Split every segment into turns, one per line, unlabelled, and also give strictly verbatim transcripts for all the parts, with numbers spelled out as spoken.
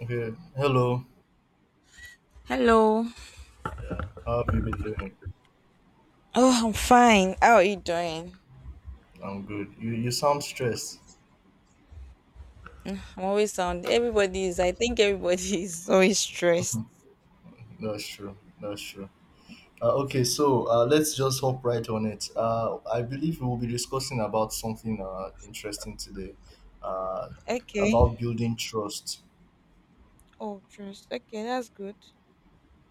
Okay, hello.
Hello.
Yeah, how have you been doing?
Oh, I'm fine. How are you doing?
I'm good. You you sound stressed.
I'm always sound. Everybody is. I think everybody is always stressed.
That's true. That's true. Uh, okay, so uh, let's just hop right on it. Uh, I believe we will be discussing about something uh, interesting today, uh,
Okay.
about building trust.
Oh, trust. Okay, that's good.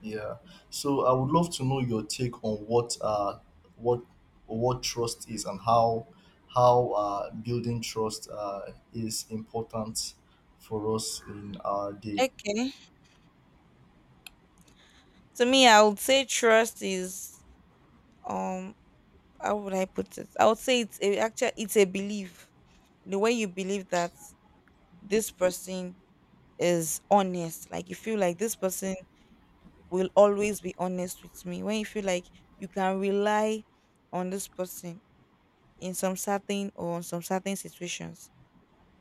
Yeah. So I would love to know your take on what uh, what what trust is and how how uh, building trust uh, is important for us in our day.
Okay. To me, I would say trust is um. How would I put it? I would say it's a actually it's a belief. The way you believe that this person is honest, like you feel like this person will always be honest with me. When you feel like you can rely on this person in some certain or on some certain situations.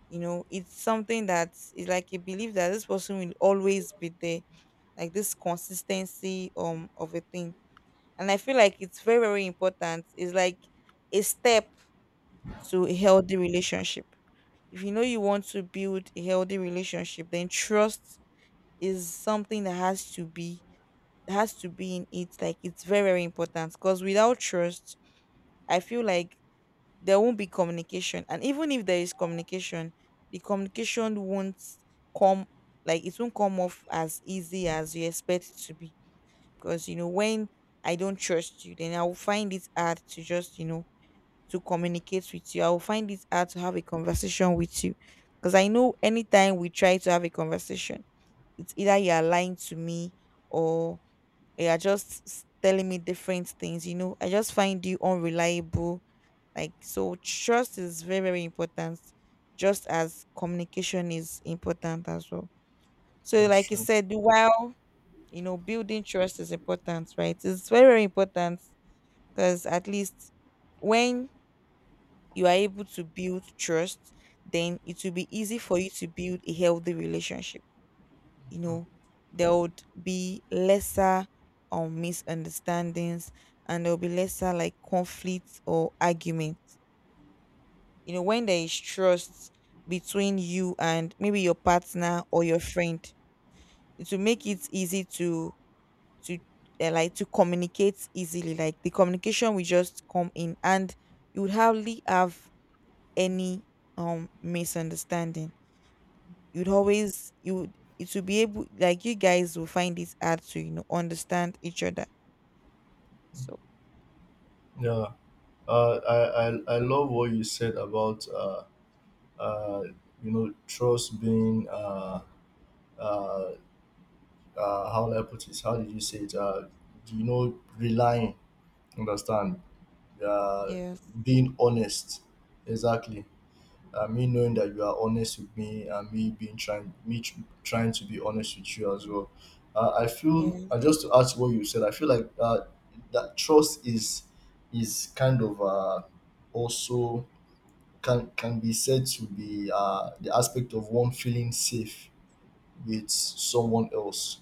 You know, it's something that is like a belief that this person will always be there, like this consistency um of a thing. And I feel like it's very, very important. It's like a step to a healthy relationship. If you know you want to build a healthy relationship, then trust is something that has to be that has to be in it. Like it's very, very important. Because without trust, I feel like there won't be communication, and even if there is communication, the communication won't come like it won't come off as easy as you expect it to be. Because you know when I don't trust you, then I will find it hard to just you know to communicate with you. I will find it hard to have a conversation with you, because I know anytime we try to have a conversation, it's either you are lying to me, or you are just s- telling me different things. you know I just find you unreliable. Like, so trust is very, very important, just as communication is important as well. So
That's
like you
true.
said, while you know building trust is important, right? It's very, very important because at least when you are able to build trust, then it will be easy for you to build a healthy relationship. You know, there would be lesser um misunderstandings, and there'll be lesser like conflicts or arguments. You know, when there is trust between you and maybe your partner or your friend, it will make it easy to to uh, like to communicate easily. Like the communication will just come in, and you would hardly have any um misunderstanding. You'd always you would it will be able Like you guys will find it hard to you know understand each other. So
Yeah, uh, I, I I love what you said about uh, uh, you know trust being uh, uh, uh, how do I put it? How did you say it? Uh, you know, relying, understand? Uh,
yes,
being honest, exactly. Uh, me knowing that you are honest with me and me being trying me tr- trying to be honest with you as well. uh, I feel,
yes,
uh, just to ask what you said, I feel like uh, that trust is is kind of uh, also can can be said to be uh, the aspect of one feeling safe with someone else,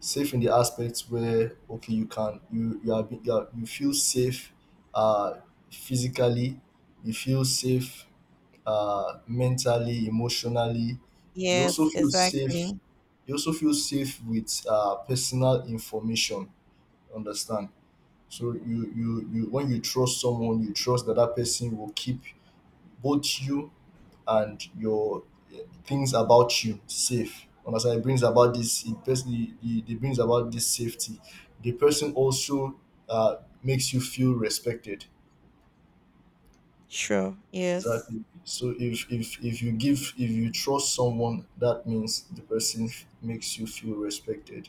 safe in the aspect where okay you can you you are, be- you, are you feel safe, uh physically you feel safe, uh, mentally, emotionally. You
yes,
also feel safe.
exactly.
You also feel safe with uh, personal information. Understand? So you you you when you trust someone, you trust that that person will keep both you and your eh, things about you safe. Understand? It brings about this. It, pers- it, it it brings about this safety. The person also uh, makes you feel respected.
Sure. Yes.
Exactly. So if if if you give if you trust someone, that means the person f- makes you feel respected.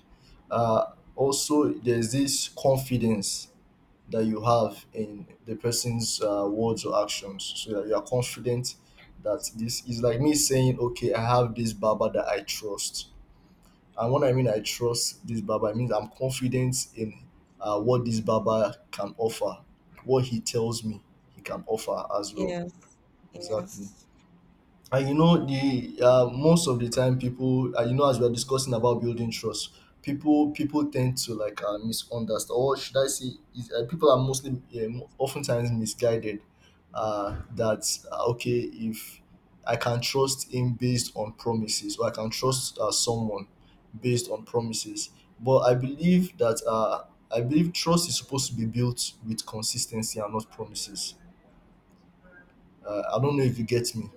Uh, also, there's this confidence that you have in the person's uh, words or actions, so that you are confident that this is like me saying, "Okay, I have this barber that I trust." And when I mean I trust this barber, it means I'm confident in uh, what this barber can offer, what he tells me he can offer as well.
Yes.
Exactly.
Yes.
And you know, the uh, most of the time people, uh, you know, as we are discussing about building trust, people people tend to like uh, misunderstand, or should I say is, uh, people are mostly um, oftentimes misguided uh, that uh, okay, if I can trust him based on promises, or I can trust uh, someone based on promises. But I believe that uh, I believe trust is supposed to be built with consistency and not promises. uh, I don't know if you get me.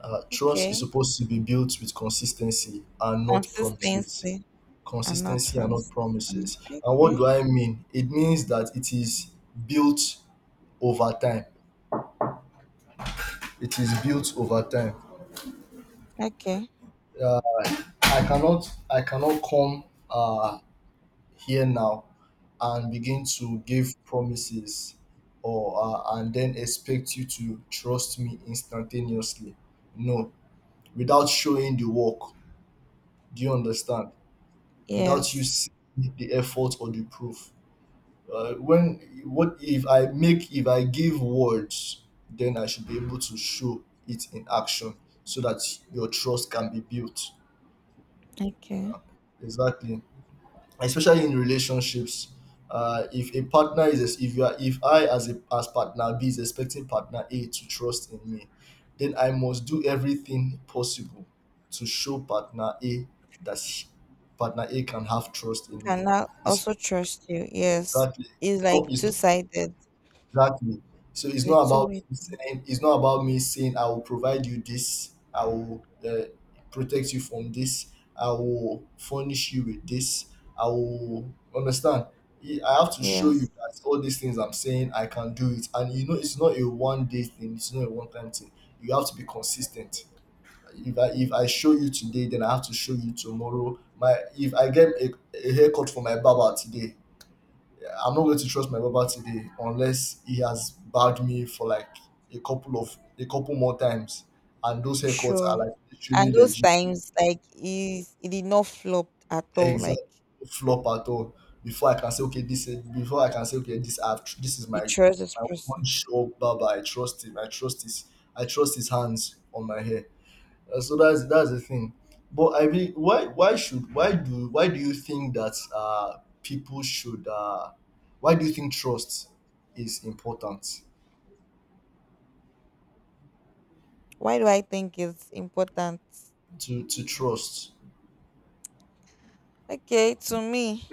uh, Trust is
Okay.
supposed to be built with consistency and not promises.
Consistency and not
Consistency and not
promises. Mm.
promises. And what
Okay.
do I mean? It means that it is built over time. It is built over time.
Okay.
I cannot I cannot come uh, here now and begin to give promises or uh, and then expect you to trust me instantaneously. No, without showing the work. Do you understand? Without you
Yes.
seeing the effort or the proof. Uh, when what if I make if I give words, then I should be able to show it in action so that your trust can be built.
Okay.
Exactly, especially in relationships. Uh, if a partner is if you are, if I as a as partner B is expecting partner A to trust in me, then I must do everything possible to show partner A that partner A can have trust in me.
Can I
It's
also trust you? Yes.
exactly.
It's
It's
like
not, it's
two
not
sided.
exactly. So
Is
it's not
it two
about
way?
me saying, it's not about me saying I will provide you this, I will uh, protect you from this, I will furnish you with this, I will understand. I I have to show
Yeah.
you that all these things I'm saying I can do it, and you know it's not a one day thing. It's not a one time thing. You have to be consistent. If I if I show you today, then I have to show you tomorrow. My if I get a, a haircut for my barber today, I'm not going to trust my barber today unless he has bagged me for like a couple of a couple more times, and those haircuts are
Sure.
like literally
And those
legit,
times, like, is it did not flop at all.
exact
Like,
flop at all. Before I can say okay, this is before I can say okay, this I've tr- this is
you
my
trust this
my one
person.
sure barber. I trust him. I trust his I trust his hands on my hair. Uh, so that's that's the thing. But I mean, why why should why do why do you think that uh people should uh why do you think trust is important?
Why do I think it's important?
To to trust.
Okay, to me,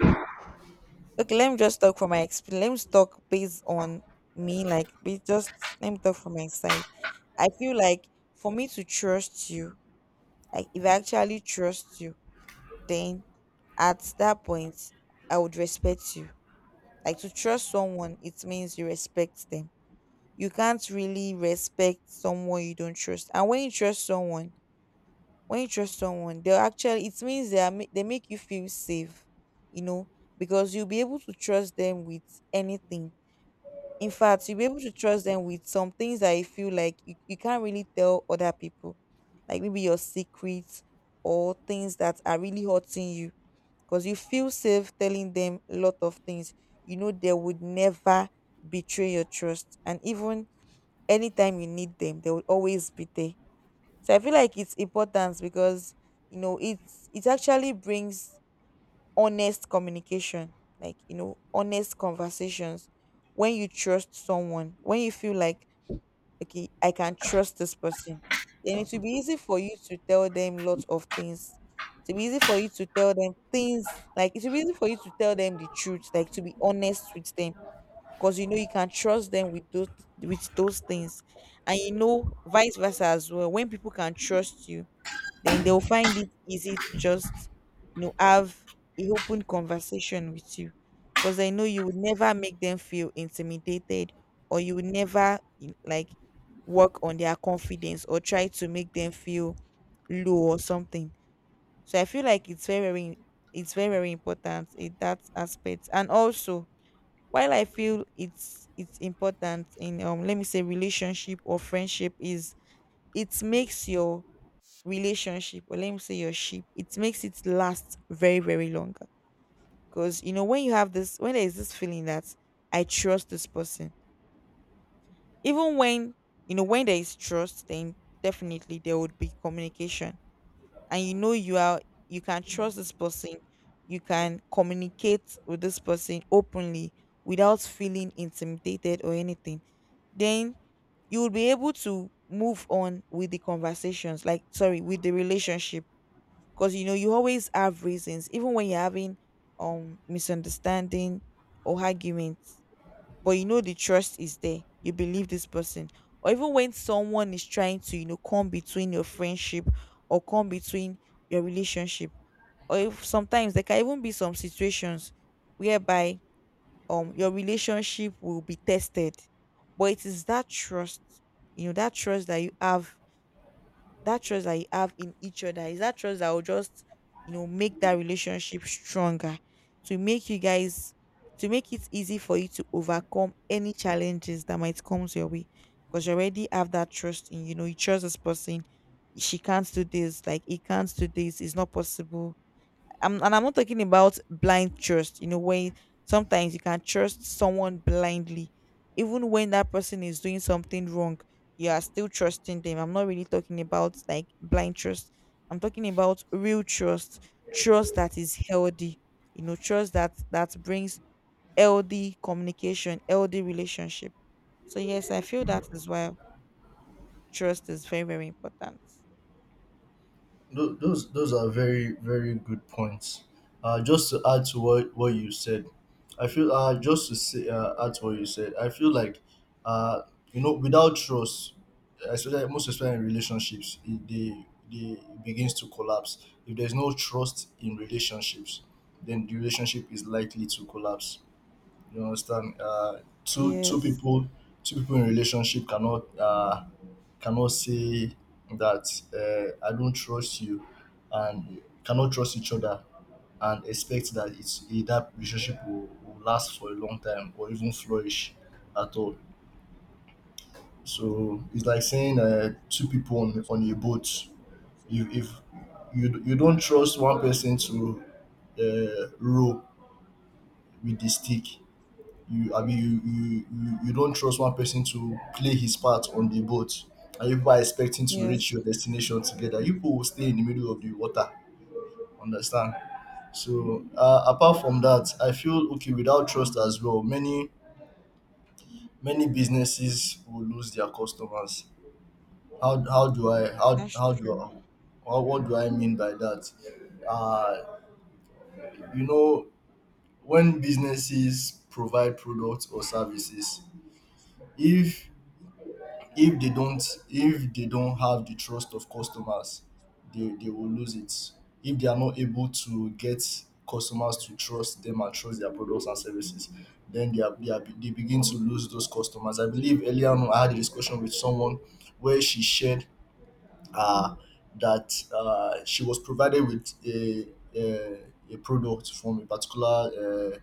okay, let me just talk from my experience. Let me just talk based on me, like be just let me talk from my side. I feel like for me to trust you, like if I actually trust you, then at that point I would respect you. Like to trust someone, it means you respect them. You can't really respect someone you don't trust. And when you trust someone, when you trust someone, they'll actually, it means they are ma- they make you feel safe, you know, because you'll be able to trust them with anything. In fact, you'll be able to trust them with some things that you feel like you, you can't really tell other people, like maybe your secrets or things that are really hurting you, because you feel safe telling them a lot of things. You know they would never betray your trust, and even anytime you need them, they will always be there. So I feel like it's important because you know it's it actually brings honest communication, like, you know, honest conversations. When you trust someone, when you feel like, okay, I can trust this person, then it will be easy for you to tell them lots of things. It will be easy for you to tell them things, like, it will be easy for you to tell them the truth, like, to be honest with them. Because you know you can trust them with those with those things, and you know vice versa as well. When people can trust you, then they'll find it easy to just you know have a open conversation with you, because I know you would never make them feel intimidated, or you would never you know, like work on their confidence, or try to make them feel low or something. So I feel like it's very very it's very very important in that aspect. And also, while I feel it's it's important in um let me say relationship or friendship, is it makes your relationship, or let me say your ship, it makes it last very very longer. Because you know, when you have this, when there is this feeling that I trust this person, even when you know when there is trust, then definitely there would be communication, and you know you are you can trust this person. You can communicate with this person openly without feeling intimidated or anything. Then you will be able to move on with the conversations, like sorry, with the relationship, because you know you always have reasons. Even when you're having um misunderstanding or arguments, but you know the trust is there, you believe this person. Or even when someone is trying to you know come between your friendship, or come between your relationship, or if sometimes there can even be some situations whereby um your relationship will be tested. But it is that trust, you know, that trust that you have, that trust that you have in each other, is that trust that will just you know make that relationship stronger, to make you guys to make it easy for you to overcome any challenges that might come your way, because you already have that trust in you know you trust this person. She can't do this, like he can't do this, it's not possible. I'm, and I'm not talking about blind trust, you know, when sometimes you can trust someone blindly, even when that person is doing something wrong, you are still trusting them. I'm not really talking about like blind trust, I'm talking about real trust, trust that is healthy, you know, trust that that brings healthy communication, healthy relationship. So, yes, I feel that is why trust is very, very important.
Tho- Those those are very very good points. Uh, just to add to what what you said, I feel uh just to say, uh, add to what you said, I feel like uh you know, without trust, especially most especially in relationships, it, they they it begins to collapse. If there's no trust in relationships, then the relationship is likely to collapse. You understand? Uh, two two
Yes,
people, two people in relationship cannot uh, cannot say that uh, I don't trust you, and cannot trust each other, and expect that it's that relationship will, will last for a long time or even flourish at all. So it's like saying uh, two people on, on a boat. If, if you you don't trust one person to uh, row with the stick, you I mean you you you you not trust one person to play his part on the boat, and you people are expecting to
yes.
reach your destination together, you people will stay in the middle of the water. Understand? So uh, apart from that, I feel okay, without trust as well, many many businesses will lose their customers. how how do I how
That's
how do
true.
I how, what do I mean by that? uh you know, when businesses provide products or services, if if they don't if they don't have the trust of customers, they, they will lose it. If they are not able to get customers to trust them and trust their products and services, then they are, they, are, they begin to lose those customers. I believe earlier on I had a discussion with someone where she shared uh, that uh, she was provided with a, a, a product from a particular uh,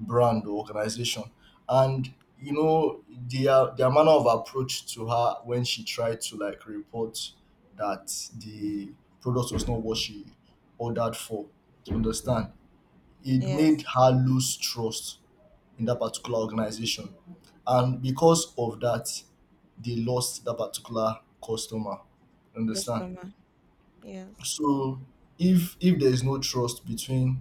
brand or organization. And you know, their their manner of approach to her when she tried to like report that the product was not what she ordered for. You understand? It made
Yes.
her lose trust in that particular organization. And because of that, they lost that particular customer. Understand?
Customer. Yes.
So if if there is no trust between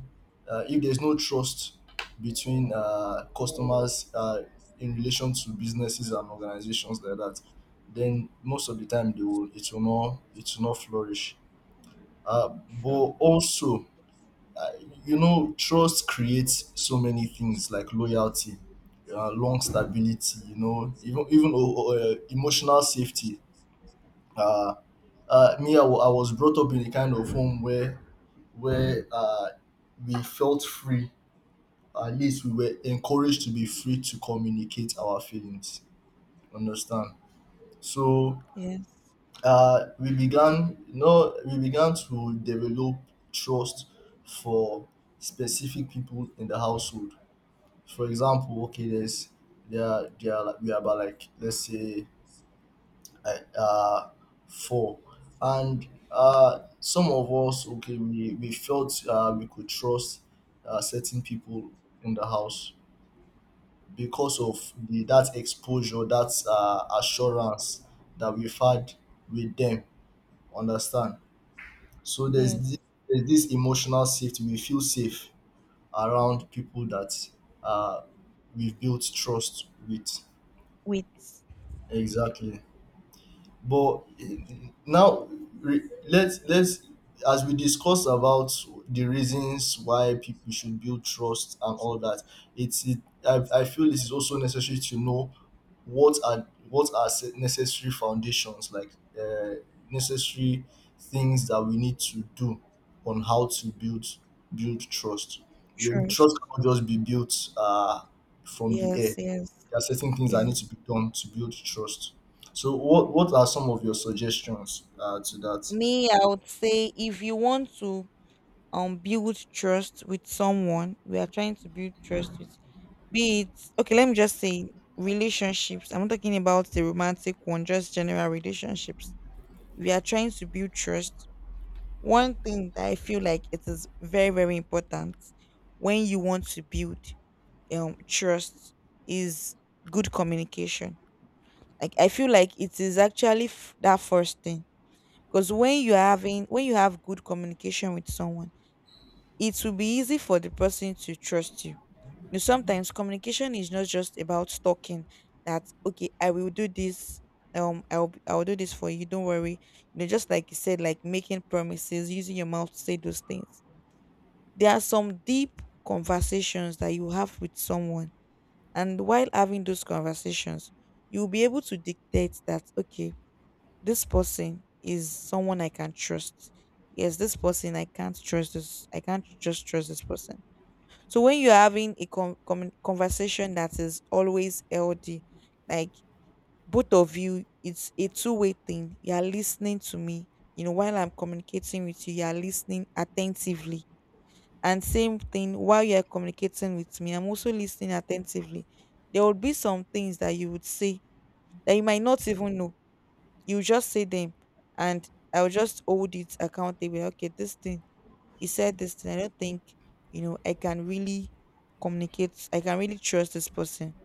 uh, if there is no trust between uh, customers uh, in relation to businesses and organizations like that, then most of the time they will it will not it will not flourish. Uh,
Sure.
but also, uh, you know, trust creates so many things like loyalty, uh, long stability. You know, even even uh, uh, emotional safety. Uh, uh, me, I wa- I was brought up in a kind of home where where uh, we felt free. At least we were encouraged to be free to communicate our feelings. Understand? So
Yes.
uh, we began, you know, we began to develop trust for specific people in the household. For example, okay, there's there are, there are like, we are about like let's say uh, for, and uh, some of us, okay, we, we felt uh, we could trust uh, certain people in the house because of the that exposure, that uh, assurance that we've had with them. Understand? So there's
Yes.
this, there's this emotional safety. We feel safe around people that uh, we've built trust with.
With
Exactly. But now re- let's let's as we discuss about the reasons why people should build trust and all that, It's it, I, I feel it is also necessary to know what are what are se- necessary foundations, like uh, necessary things that we need to do on how to build build trust. Your
trust.
trust cannot just be built uh, from the
Yes.
air.
Yes.
There are certain things that
Yes.
need to be done to build trust. So what what are some of your suggestions uh, to that?
Me, I would say if you want to um build trust with someone, we are trying to build trust with, be it okay, let me just say relationships. I'm not talking about the romantic one, just general relationships. We are trying to build trust. One thing that I feel like it is very, very important when you want to build um trust is good communication. Like I feel like it is actually f- that first thing, because when you're having when you have good communication with someone, it will be easy for the person to trust you. You know, sometimes communication is not just about talking, that okay I will do this, um I'll b- I'll do this for you, don't worry. You know, just like you said, like making promises, using your mouth to say those things. There are some deep conversations that you have with someone, and while having those conversations, you'll be able to dictate that, okay, this person is someone I can trust. Yes, this person I can't trust this. I can't just trust this person. So when you're having a con- commu- conversation that is always healthy, like both of you, it's a two-way thing. You're listening to me, you know, while I'm communicating with you, you're listening attentively, and same thing while you're communicating with me, I'm also listening attentively. There would be some things that you would say that you might not even know. You just say them, and I will just hold it accountable. Okay, this thing he said this thing. I don't think you know I can really communicate. I can really trust this person.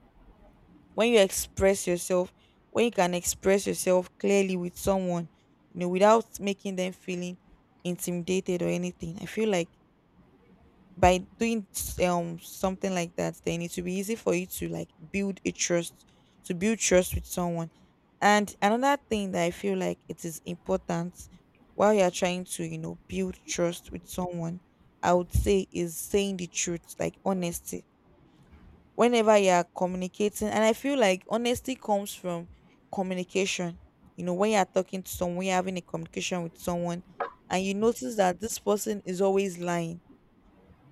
When you express yourself, when you can express yourself clearly with someone, you know, without making them feeling intimidated or anything. I feel like by doing s- um something like that, then it will be easy for you to like build a trust to build trust with someone. And another thing that I feel like it is important while you're trying to you know build trust with someone, I would say is saying the truth, like honesty, whenever you're communicating. And I feel like honesty comes from communication. You know, when you're talking to someone, you're having a communication with someone, and you notice that this person is always lying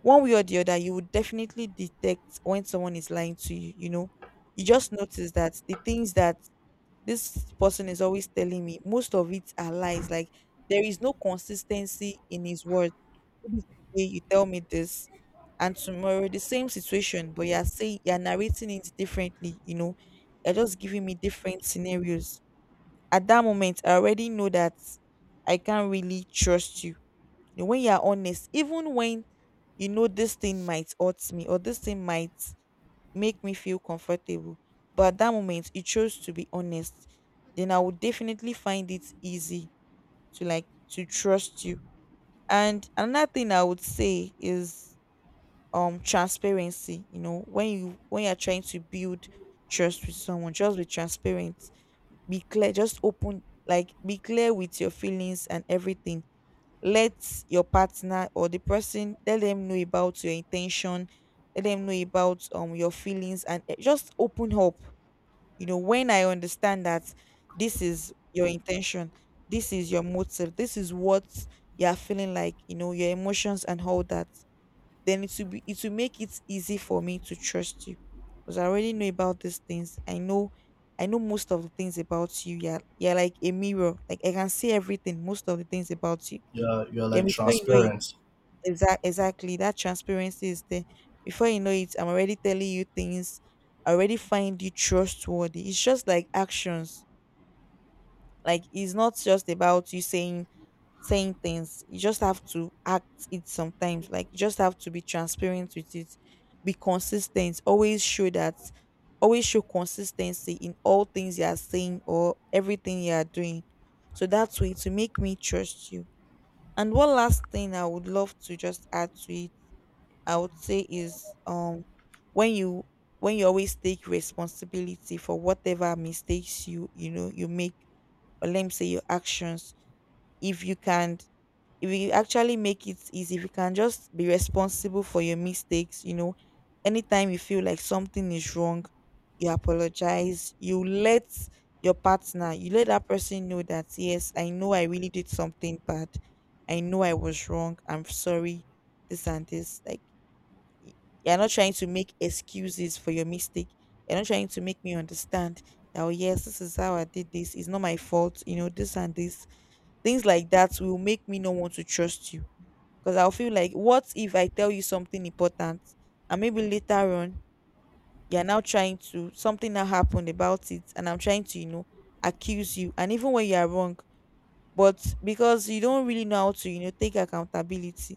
one way or the other, you would definitely detect when someone is lying to you. You know, you just notice that the things that this person is always telling me, most of it are lies. Like there is no consistency in his words. Maybe today you tell me this, and tomorrow the same situation, but you're saying you're narrating it differently. You know, you're just giving me different scenarios. At that moment, I already know that I can't really trust you. You know, when you're honest, even when you know this thing might hurt me or this thing might make me feel comfortable, but at that moment you chose to be honest, then I would definitely find it easy to like to trust you. And another thing I would say is um transparency. You know, when you when you're trying to build trust with someone, just be transparent, be clear, just open, like be clear with your feelings and everything. Let your partner or the person, let them know about your intention, let them know about um your feelings and eh, just open up. You know, when I understand that this is your intention, this is your motive, this is what you're feeling, like, you know, your emotions and all that, then it will be it will make it easy for me to trust you, because I already know about these things. I know, I know most of the things about you. You're, you're like a mirror, like I can see everything, most of the things about you.
Yeah, you're
Then
like
before you know it,
transparent.
Exac exactly. That transparency is there. Before you know it, I'm already telling you things. I already find you trustworthy. It's just like actions. Like it's not just about you saying saying things. You just have to act it sometimes. Like you just have to be transparent with it. Be consistent. Always show that, always show consistency in all things you are saying or everything you are doing. So that's way to make me trust you. And one last thing I would love to just add to it, I would say, is um when you when you always take responsibility for whatever mistakes you, you know, you make, or let me say your actions. if you can if you actually make it easy, if you can just be responsible for your mistakes, you know, anytime you feel like something is wrong, you apologize, you let your partner, you let that person know that yes, I know I really did something bad, I know I was wrong, I'm sorry, this and this. Like y- you're not trying to make excuses for your mistake. You're not trying to make me understand that, oh, yes, this is how I did this. It's not my fault. You know, this and this. Things like that will make me not want to trust you. Because I'll feel like, what if I tell you something important, and maybe later on, you're now trying to, something now happened about it and I'm trying to, you know, accuse you. And even when you are wrong, but because you don't really know how to, you know, take accountability,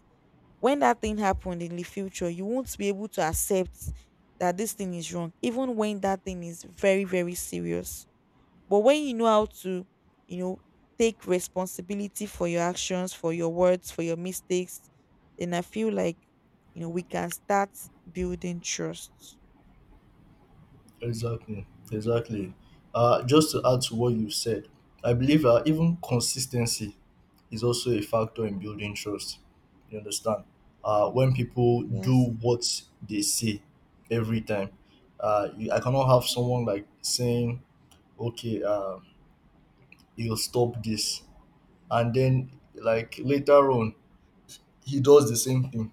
when that thing happened in the future, you won't be able to accept that this thing is wrong, even when that thing is very, very serious. But when you know how to, you know, take responsibility for your actions, for your words, for your mistakes, then I feel like, you know, we can start building trust.
Exactly, exactly. Uh, just to add to what you said, I believe uh, even consistency is also a factor in building trust. You understand? Uh, when people
Yes,
do what they say every time, uh, you, I cannot have someone like saying, "Okay, uh, you'll stop this," and then like later on he does the same thing.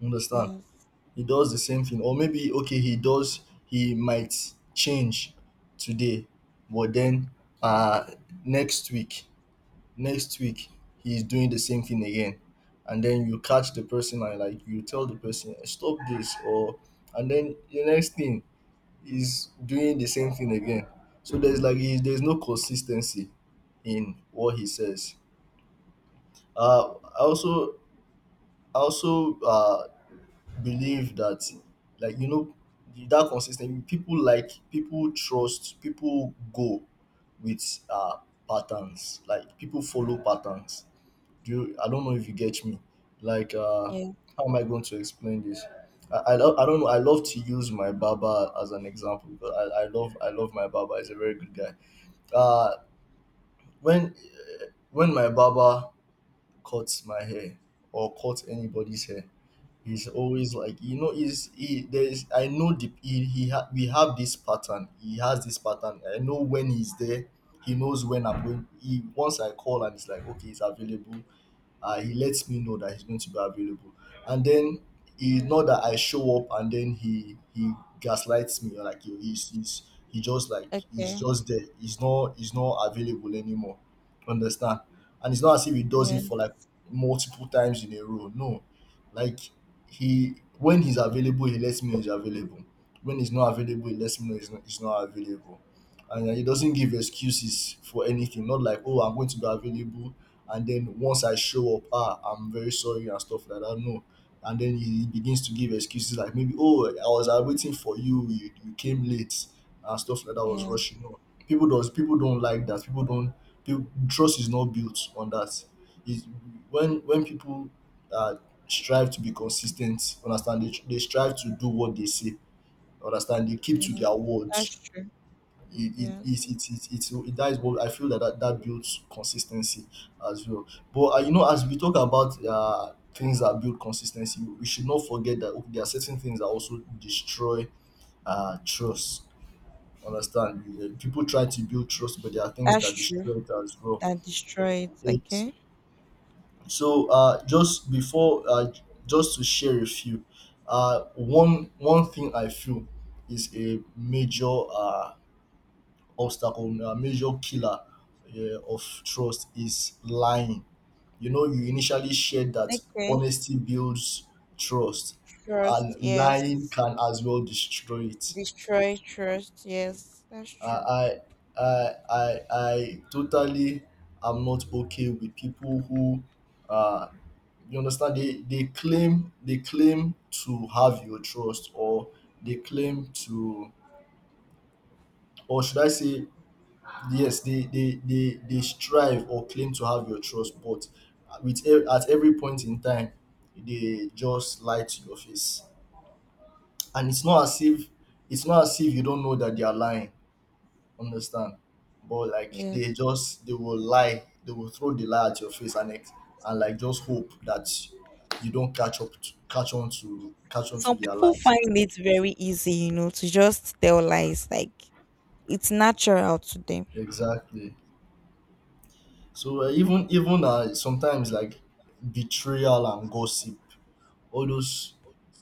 You understand?
yes,
He does the same thing, or maybe okay he does, he might change today, but then uh next week, next week he's doing the same thing again. And then you catch the person and like you tell the person stop this, or and then the next thing is doing the same thing again. So there's like he- there's no consistency in what he says. uh i also I also uh believe that, like, you know, that consis people like people trust, people go with uh patterns, like people follow patterns. Do you, I don't know if you get me. like uh
yes.
how am I going to explain this? I, I, lo- I don't know, I love to use my barber as an example because I, I love I love my barber, he's a very good guy. uh when, when my barber cut my hair or cut anybody's hair. He's always, like, you know, is he there, is I know the he, he ha, we have this pattern. He has this pattern. I know when he's there. He knows when I'm going. He, once I call and it's like, okay, he's available, uh, he lets me know that he's going to be available. And then, he, not that I show up and then he he gaslights me, or like he- he's, he's, he just like he's
Okay.
just there, he's not, he's not available anymore. Understand? And it's not as if he does it
Yes,
for like multiple times in a row, no. Like, he, when he's available he lets me know he's available, when he's not available he lets me know he's not, he's not available. And uh, he doesn't give excuses for anything, not like, oh, I'm going to be available, and then once I show up, ah, I'm very sorry and stuff like that. No. And then he he begins to give excuses like, maybe, oh, I was uh, waiting for you, you, you came late and stuff like that. I was rushing.
yes,
No, people does people don't like that. People don't. People, trust is not built on that. It's, when when people uh, strive to be consistent, understand, they, they strive to do what they say. Understand, they keep to
yes.
their words.
That's true.
it it it
Yes,
it it it's it That's what I feel, that that, that builds consistency as well. But uh, you know, as we talk about uh, things that build consistency, we should not forget that, okay, there are certain things that also destroy uh, trust. Understand? You- uh, People try to build trust, but there are things
that's
that
true.
destroy it as well.
That destroys.
It's,
Okay.
so uh, just before, uh, j- just to share a few, uh, one one thing I feel is a major uh, obstacle, a major killer, yeah, of trust is lying. You know, you initially shared that
Okay.
honesty builds trust,
Trust,
and
yes.
lying can as well destroy it.
Destroy trust, yes. That's
I,
true.
I, I, I, I totally am not okay with people who, uh, you understand, they, they claim they claim to have your trust, or they claim to, or should I say, yes they they they they strive or claim to have your trust, but with e- at every point in time they just lie to your face. And it's not as if, it's not as if you don't know that they are lying, understand. But like
Yes.
they just, they will lie, they will throw the lie at your face, and ex- and like just hope that you don't catch up to, catch on to catch on to
Some
their
people
lies.
find it very easy, you know, to just tell lies. Like it's natural to them.
Exactly. So uh, even even uh, sometimes like betrayal and gossip, all those,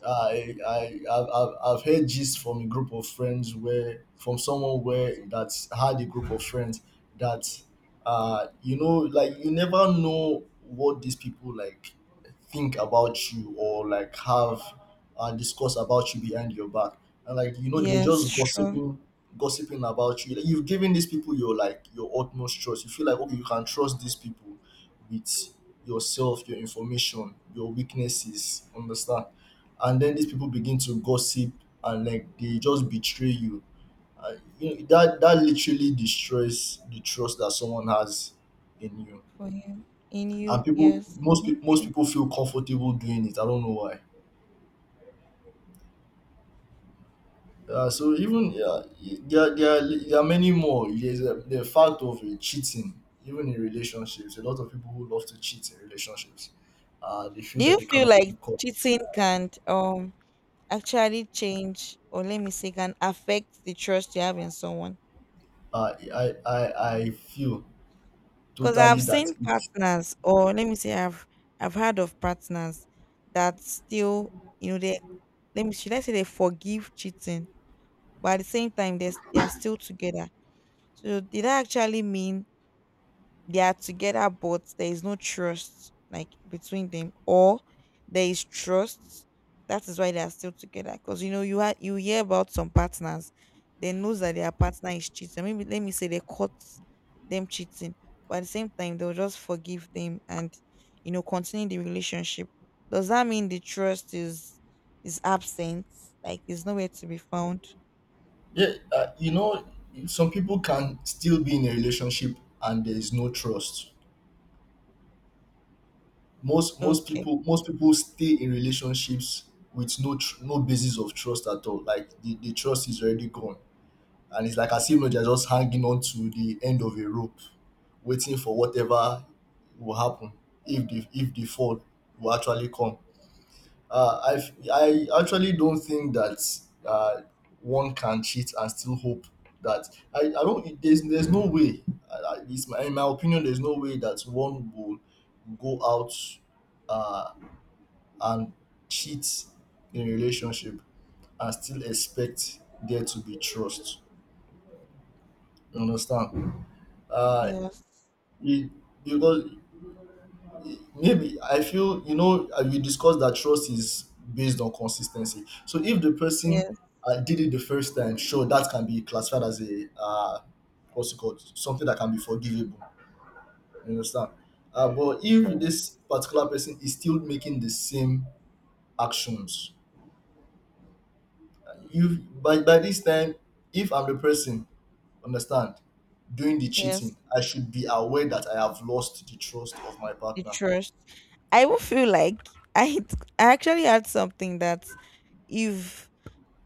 I I I've, I've I've heard gist from a group of friends, where from someone where that had a group of friends that uh you know, like, you never know what these people, like, think about you or like have, and discuss about you behind your back. And like, you know, they're
Yes,
just
sure.
gossiping gossiping about you. Like, you've given these people your, like, your utmost trust, you feel like, okay, you can trust these people with yourself, your information, your weaknesses, understand? And then these people begin to gossip and, like, they just betray you. And you know, that that literally destroys the trust that someone has in you.
For him. In
And
you,
people,
yes.
most
That's
people, most
true.
people feel comfortable doing it. I don't know why. Yeah, so even, yeah, there, there, are, there are many more. There's a, the fact of uh, cheating, even in relationships. A lot of people who love to cheat in relationships, uh, they feel
Do
that
you
they
feel
cannot
like
be.
cheating can um actually change, or let me say, can affect the trust you have in someone?
I I I I feel
Because I've
totally that
seen
it's,
partners, or let me say, I've I've heard of partners that still, you know, they, let me, should I say, they forgive cheating, but at the same time they they are still together. So did that actually mean they are together but there is no trust like between them, or there is trust, that is why they are still together? Because you know, you had you hear about some partners, they knows that their partner is cheating, maybe let me say they caught them cheating, but at the same time they'll just forgive them and, you know, continue the relationship. Does that mean the trust is is absent, like it's nowhere to be found?
yeah, uh, you know, some people can still be in a relationship and there is no trust. Most most
Okay.
people, most people stay in relationships with no tr- no basis of trust at all. Like the, the trust is already gone, and it's like as if they're just hanging on to the end of a rope, waiting for whatever will happen, if the if the fall will actually come. Uh, I I actually don't think that uh, one can cheat and still hope that, I, I don't, there's there's no way, uh, at least my, in my opinion there's no way that one will go out uh, and cheat in a relationship and still expect there to be trust. You understand? Uh,
Yes.
it, because maybe I feel, you know, uh, we discussed that trust is based on consistency, so if the person
Yes,
uh, did it the first time, sure, that can be classified as a, uh, what's it called, something that can be forgivable, you understand. Uh, but if
sure.
this particular person is still making the same actions, you, by, by this time, if I'm the person, understand, doing the
Yes,
cheating, I should be aware that I have lost the trust of my
the
partner.
trust. I will feel like I I actually had something that, if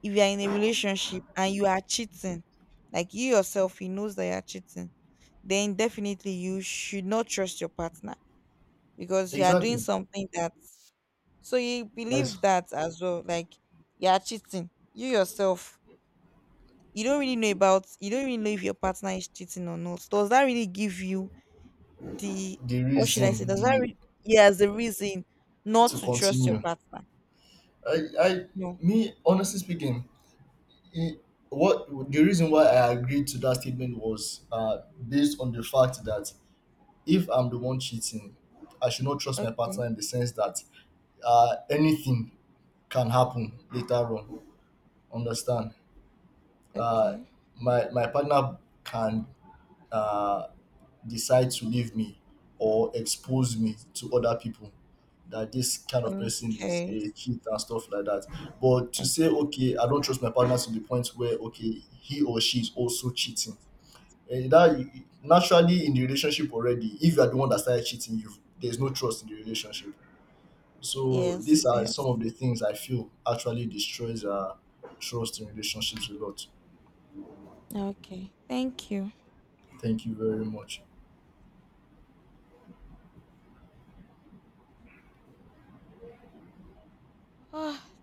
if you're in a relationship and you are cheating, like you yourself, he knows that you're cheating, then definitely you should not trust your partner because you are doing
Exactly.
something that, so you
Nice.
believe that as well. Like you are cheating. You yourself, you don't really know about you don't really know if your partner is cheating or not. Does that really give you the,
The
what should I say,
reason
does that
the
re- yes, the reason not
To
to trust your
continue,
partner.
I I
No.
me honestly speaking, it, what the reason why I agreed to that statement was uh based on the fact that if I'm the one cheating, I should not trust my partner,
Okay.
in the sense that uh anything can happen later on, understand. uh
Okay.
my my partner can uh decide to leave me or expose me to other people that this kind of person is
Okay.
a cheat and stuff like that. But to
Eh,
say, okay, I don't trust my partner to the point where, okay, he or she is also cheating. Eh, that, naturally, in the relationship already, if you are the one that started cheating, you, there's no trust in the relationship. So
yes.
these are some
Yes.
of the things I feel actually destroys uh, trust in relationships a lot.
Okay. Thank you.
Thank you very much.
Ah.